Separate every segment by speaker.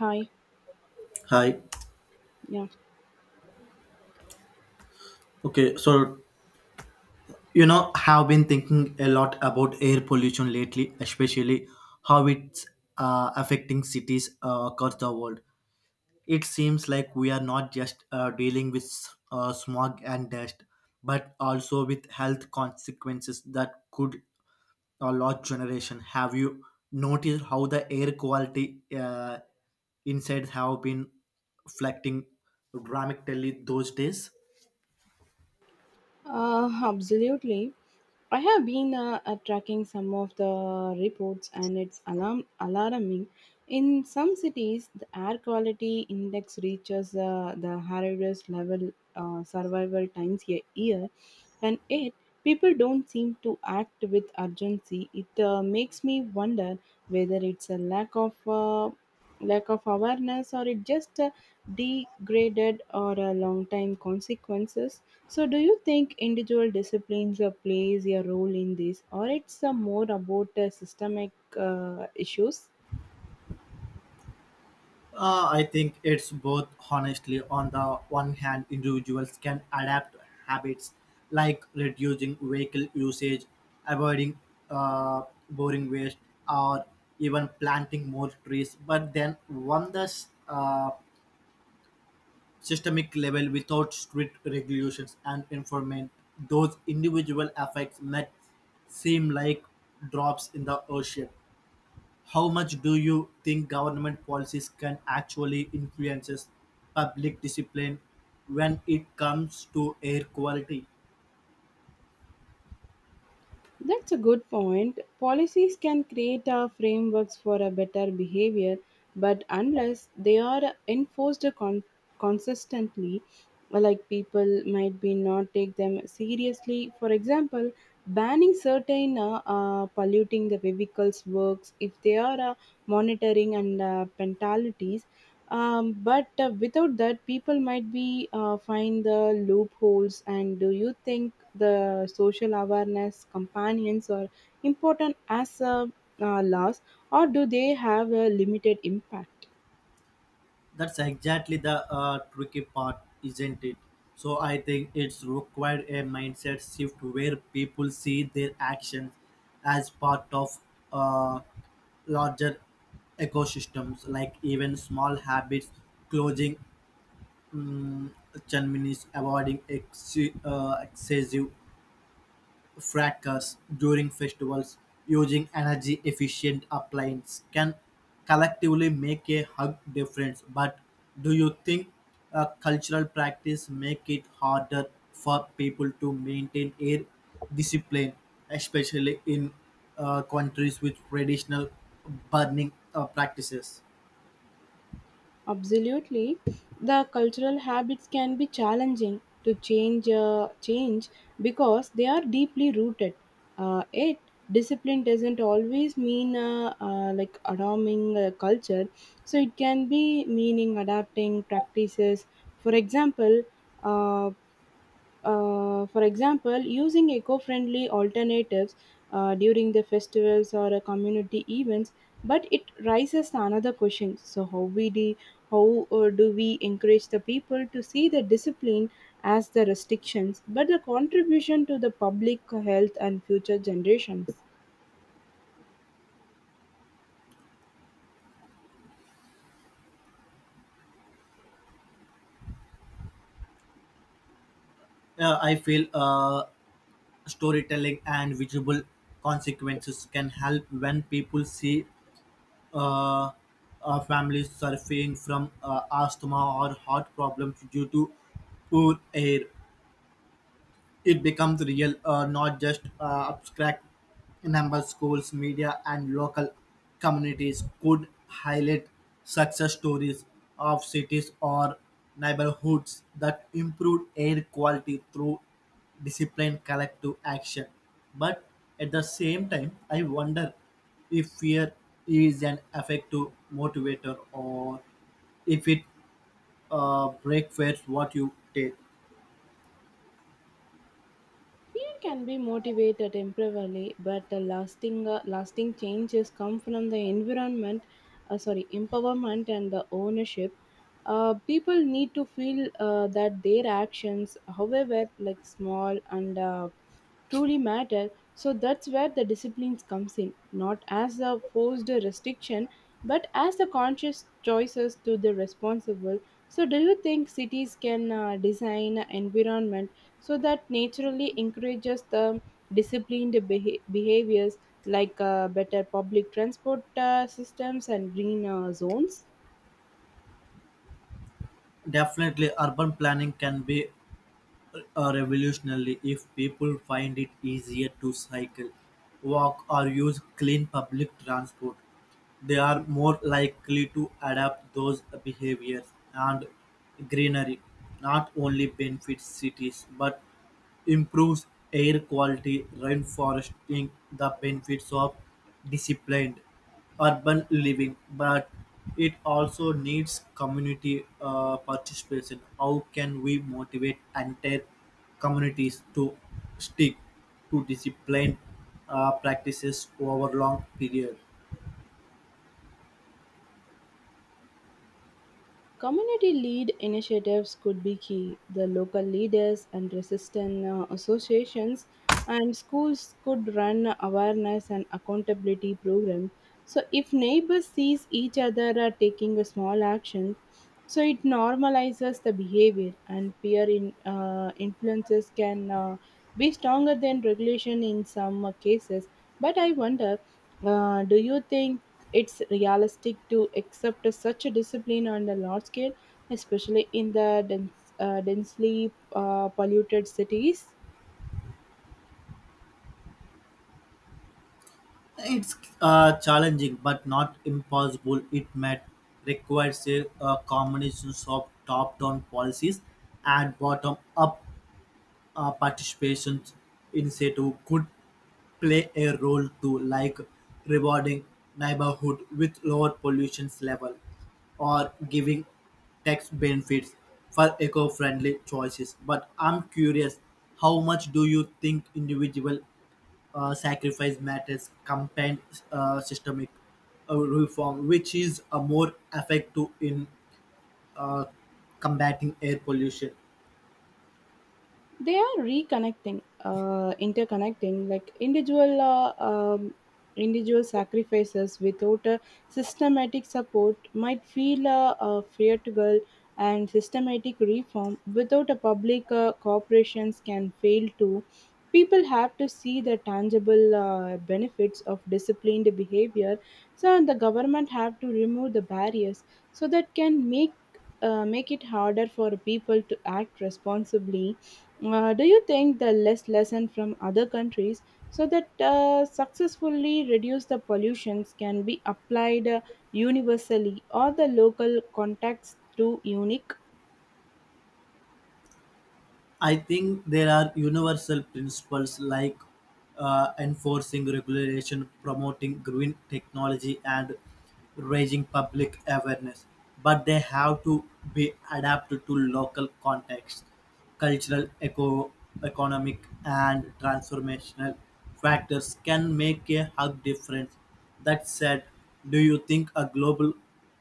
Speaker 1: Hi.
Speaker 2: Hi.
Speaker 1: Yeah.
Speaker 2: Okay, so have been thinking a lot about air pollution lately, especially how it's affecting cities across the world. It seems like we are not just dealing with smog and dust, but also with health consequences that could a lot generation. Have you noticed how the air quality insides have been reflecting dramatically those days?
Speaker 1: Absolutely. I have been tracking some of the reports, and it's alarming. In some cities, the air quality index reaches the hardest level survival times a year, and yet people don't seem to act with urgency. It makes me wonder whether it's a lack of awareness, or it just degraded or a long time consequences. So, do you think individual disciplines plays a role in this, or it's more about systemic issues?
Speaker 2: I think it's both, honestly. On the one hand, individuals can adapt habits like reducing vehicle usage, avoiding uh, boring waste, or even planting more trees. But then, on the systemic level, without strict regulations and enforcement, those individual effects might seem like drops in the ocean. How much do you think government policies can actually influences public discipline when it comes to air quality?
Speaker 1: That's a good point. Policies can create frameworks for a better behavior, but unless they are enforced consistently, like people might be not take them seriously. For example, banning certain polluting the vehicles works if they are monitoring and penalties. But without that, people might be find the loopholes. And do you think the social awareness companions are important as laws, or do they have a limited impact?
Speaker 2: That's exactly the tricky part, isn't it? So I think it's required a mindset shift where people see their actions as part of uh, larger ecosystems like even small habits closing um, chimneys avoiding excessive fracas during festivals using energy efficient appliances can collectively make a hug difference but do you think a cultural practice make it harder for people to maintain air discipline especially in countries with traditional burning practices.
Speaker 1: Absolutely, the cultural habits can be challenging to change because they are deeply rooted. It discipline doesn't always mean like adopting a culture, so it can be meaning adapting practices. For example, uh, using eco friendly alternatives during the festivals or community events, but it raises another question. So, how do we encourage the people to see the discipline as the restrictions, but the contribution to the public health and future generations?
Speaker 2: I feel storytelling and visual consequences can help when people see uh, families suffering from asthma or heart problems due to poor air. It becomes real, not just abstract. Number schools, media, and local communities could highlight success stories of cities or neighborhoods that improved air quality through disciplined collective action. But at the same time, I wonder if fear is an effective motivator or if it breakfast what you take.
Speaker 1: Fear can be motivated temporarily, but the lasting changes come from the environment, sorry, empowerment and the ownership. People need to feel that their actions, however, like small and truly matter. So that's where the disciplines comes in, not as a forced restriction, but as the conscious choices to the responsible. So do you think cities can design an environment so that naturally encourages the disciplined behaviors, like better public transport systems and green zones?
Speaker 2: Definitely urban planning can be revolutionary if people find it easier to cycle, walk, or use clean public transport. They are more likely to adapt those behaviors and greenery not only benefits cities but improves air quality, reinforcing the benefits of disciplined urban living. But it also needs community participation. How can we motivate entire communities to stick to disciplined practices over long period?
Speaker 1: Community lead initiatives could be key. The local leaders and resistance associations and schools could run awareness and accountability programs. So if neighbors sees each other are taking a small action, so it normalizes the behavior and peer influences can be stronger than regulation in some cases. But I wonder, do you think it's realistic to accept such a discipline on a large scale, especially in the densely polluted cities?
Speaker 2: It's challenging, but not impossible. It might require a combination of top-down policies and bottom-up participation initiative could play a role too, like rewarding neighborhood with lower pollution level or giving tax benefits for eco-friendly choices. But I'm curious, how much do you think individual sacrifice matters campaign systemic reform, which is more effective in uh, combating air pollution.
Speaker 1: They are reconnecting interconnecting, like individual individual sacrifices without a systematic support might feel fearful, and systematic reform without a public corporations can fail too. People have to see the tangible benefits of disciplined behavior, so the government have to remove the barriers so that can make make it harder for people to act responsibly. Do you think the lesson from other countries so that successfully reduce the pollutions can be applied universally, or the local contexts too unique?
Speaker 2: I think there are universal principles like enforcing regulation, promoting green technology, and raising public awareness, but they have to be adapted to local context, cultural, economic, and transformational factors can make a hug difference. That said, do you think a global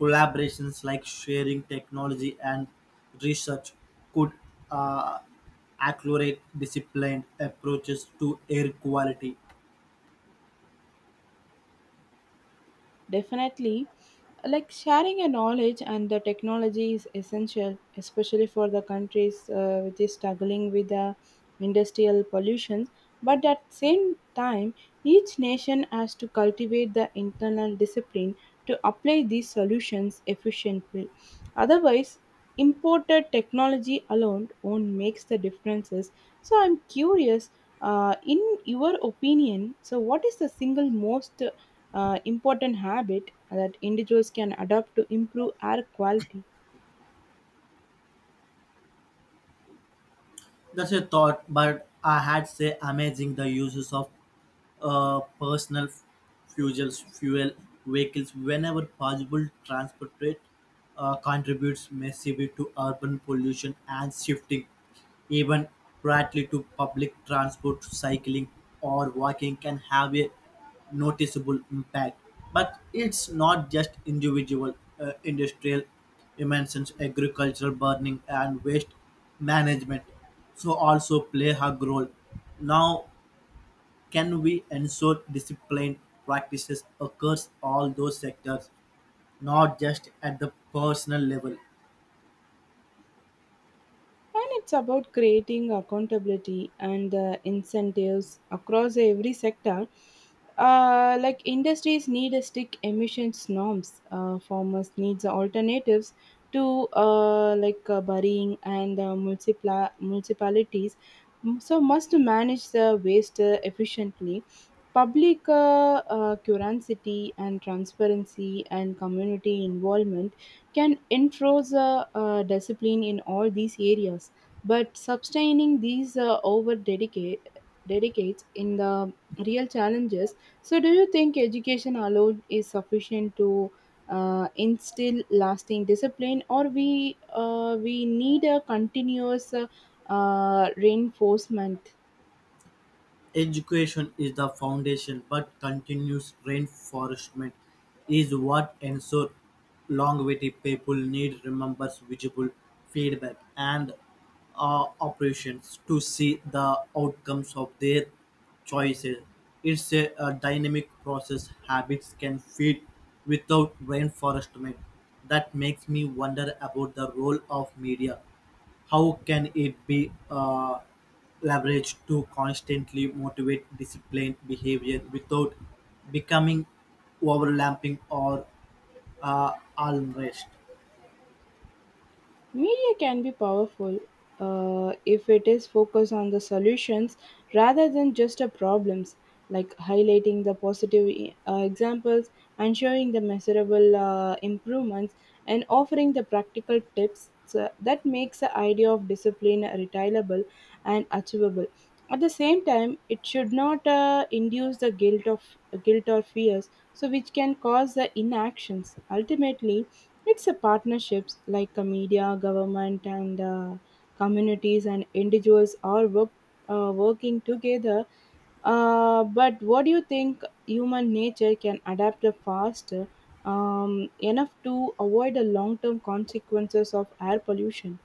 Speaker 2: collaborations like sharing technology and research could uh, accelerate disciplined approaches to air quality.
Speaker 1: Definitely, like sharing your knowledge and the technology is essential, especially for the countries which is struggling with the industrial pollution. But at the same time, each nation has to cultivate the internal discipline to apply these solutions efficiently. Otherwise, imported technology alone won't make the differences. So I'm curious, in your opinion, so what is the single most important habit that individuals can adopt to improve air quality?
Speaker 2: That's a thought, but I had say amazing the uses of personal fuel vehicles whenever possible. Transport rate contributes massively to urban pollution and shifting even rightly to public transport, cycling, or walking can have a noticeable impact. But it's not just individual, industrial emissions, agricultural burning, and waste management. So also play a role. Now can we ensure disciplined practices across all those sectors, not just at the personal level?
Speaker 1: And it's about creating accountability and the incentives across every sector. Like industries need a strict emissions norms, farmers needs alternatives to burying and municipalities. So must manage the waste efficiently. Public curiosity and transparency and community involvement can enforce a, discipline in all these areas, but sustaining these over dedicates in the real challenges. So do you think education alone is sufficient to instill lasting discipline, or we need a continuous reinforcement?
Speaker 2: Education is the foundation, but continuous reinforcement is what ensures longevity. People need remembers visible feedback and operations to see the outcomes of their choices. It's a dynamic process. Habits can feed without reinforcement. That makes me wonder about the role of media how can it be leveraged to constantly motivate disciplined behavior without becoming overlapping or alarmist?
Speaker 1: Media can be powerful if it is focused on the solutions rather than just the problems, like highlighting the positive examples and showing the measurable improvements and offering the practical tips that makes the idea of discipline retailable and achievable. At the same time, it should not induce the guilt or fears, so which can cause the inactions. Ultimately, it's a partnerships, like the media, government, and communities and individuals are working together. But what do you think, human nature can adapt faster enough to avoid the long-term consequences of air pollution?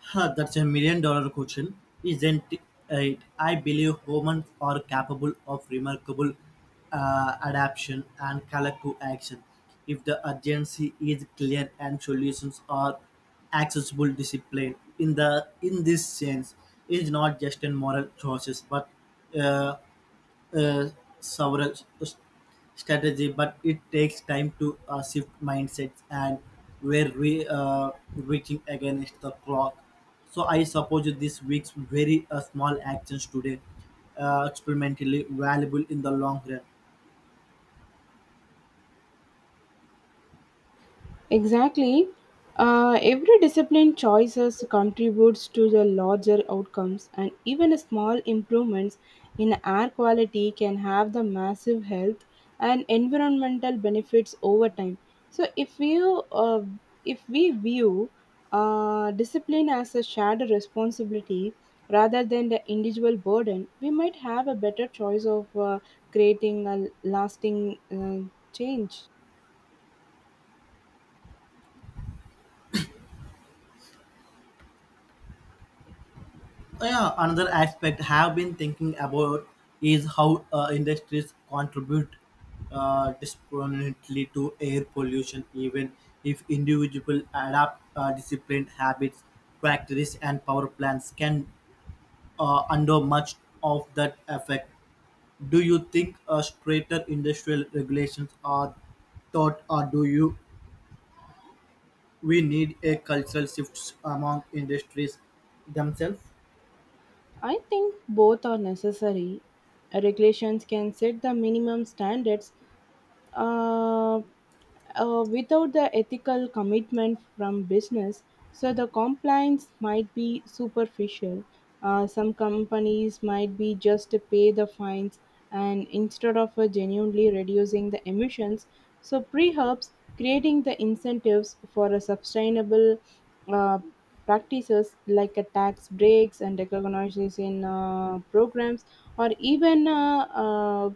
Speaker 2: Huh, that's a million dollar question, isn't it? I believe humans are capable of remarkable adaptation and collective action if the urgency is clear and solutions are accessible discipline in the in this sense is not just a moral choices but uh, uh, several s- strategy, but it takes time to shift mindsets and we're reaching against the clock. So I suppose this week's very small actions today experimentally valuable in the long run.
Speaker 1: Exactly. Every discipline choices contributes to the larger outcomes, and even small improvements in air quality can have the massive health and environmental benefits over time. So, if we view discipline as a shared responsibility rather than the individual burden, we might have a better choice of creating a lasting change.
Speaker 2: Oh, yeah, another aspect have been thinking about is how industries contribute disproportionately to air pollution, even if individual adapt disciplined habits, factories and power plants can undo much of that effect. Do you think straighter industrial regulations are thought, or do you we need a cultural shift among industries themselves?
Speaker 1: I think both are necessary. Regulations can set the minimum standards, uh, without the ethical commitment from business. So the compliance might be superficial. Some companies might be just to pay the fines, and instead of genuinely reducing the emissions. So pre helps creating the incentives for a sustainable uh, practices, like a tax breaks and recognition programs, or even uh, uh,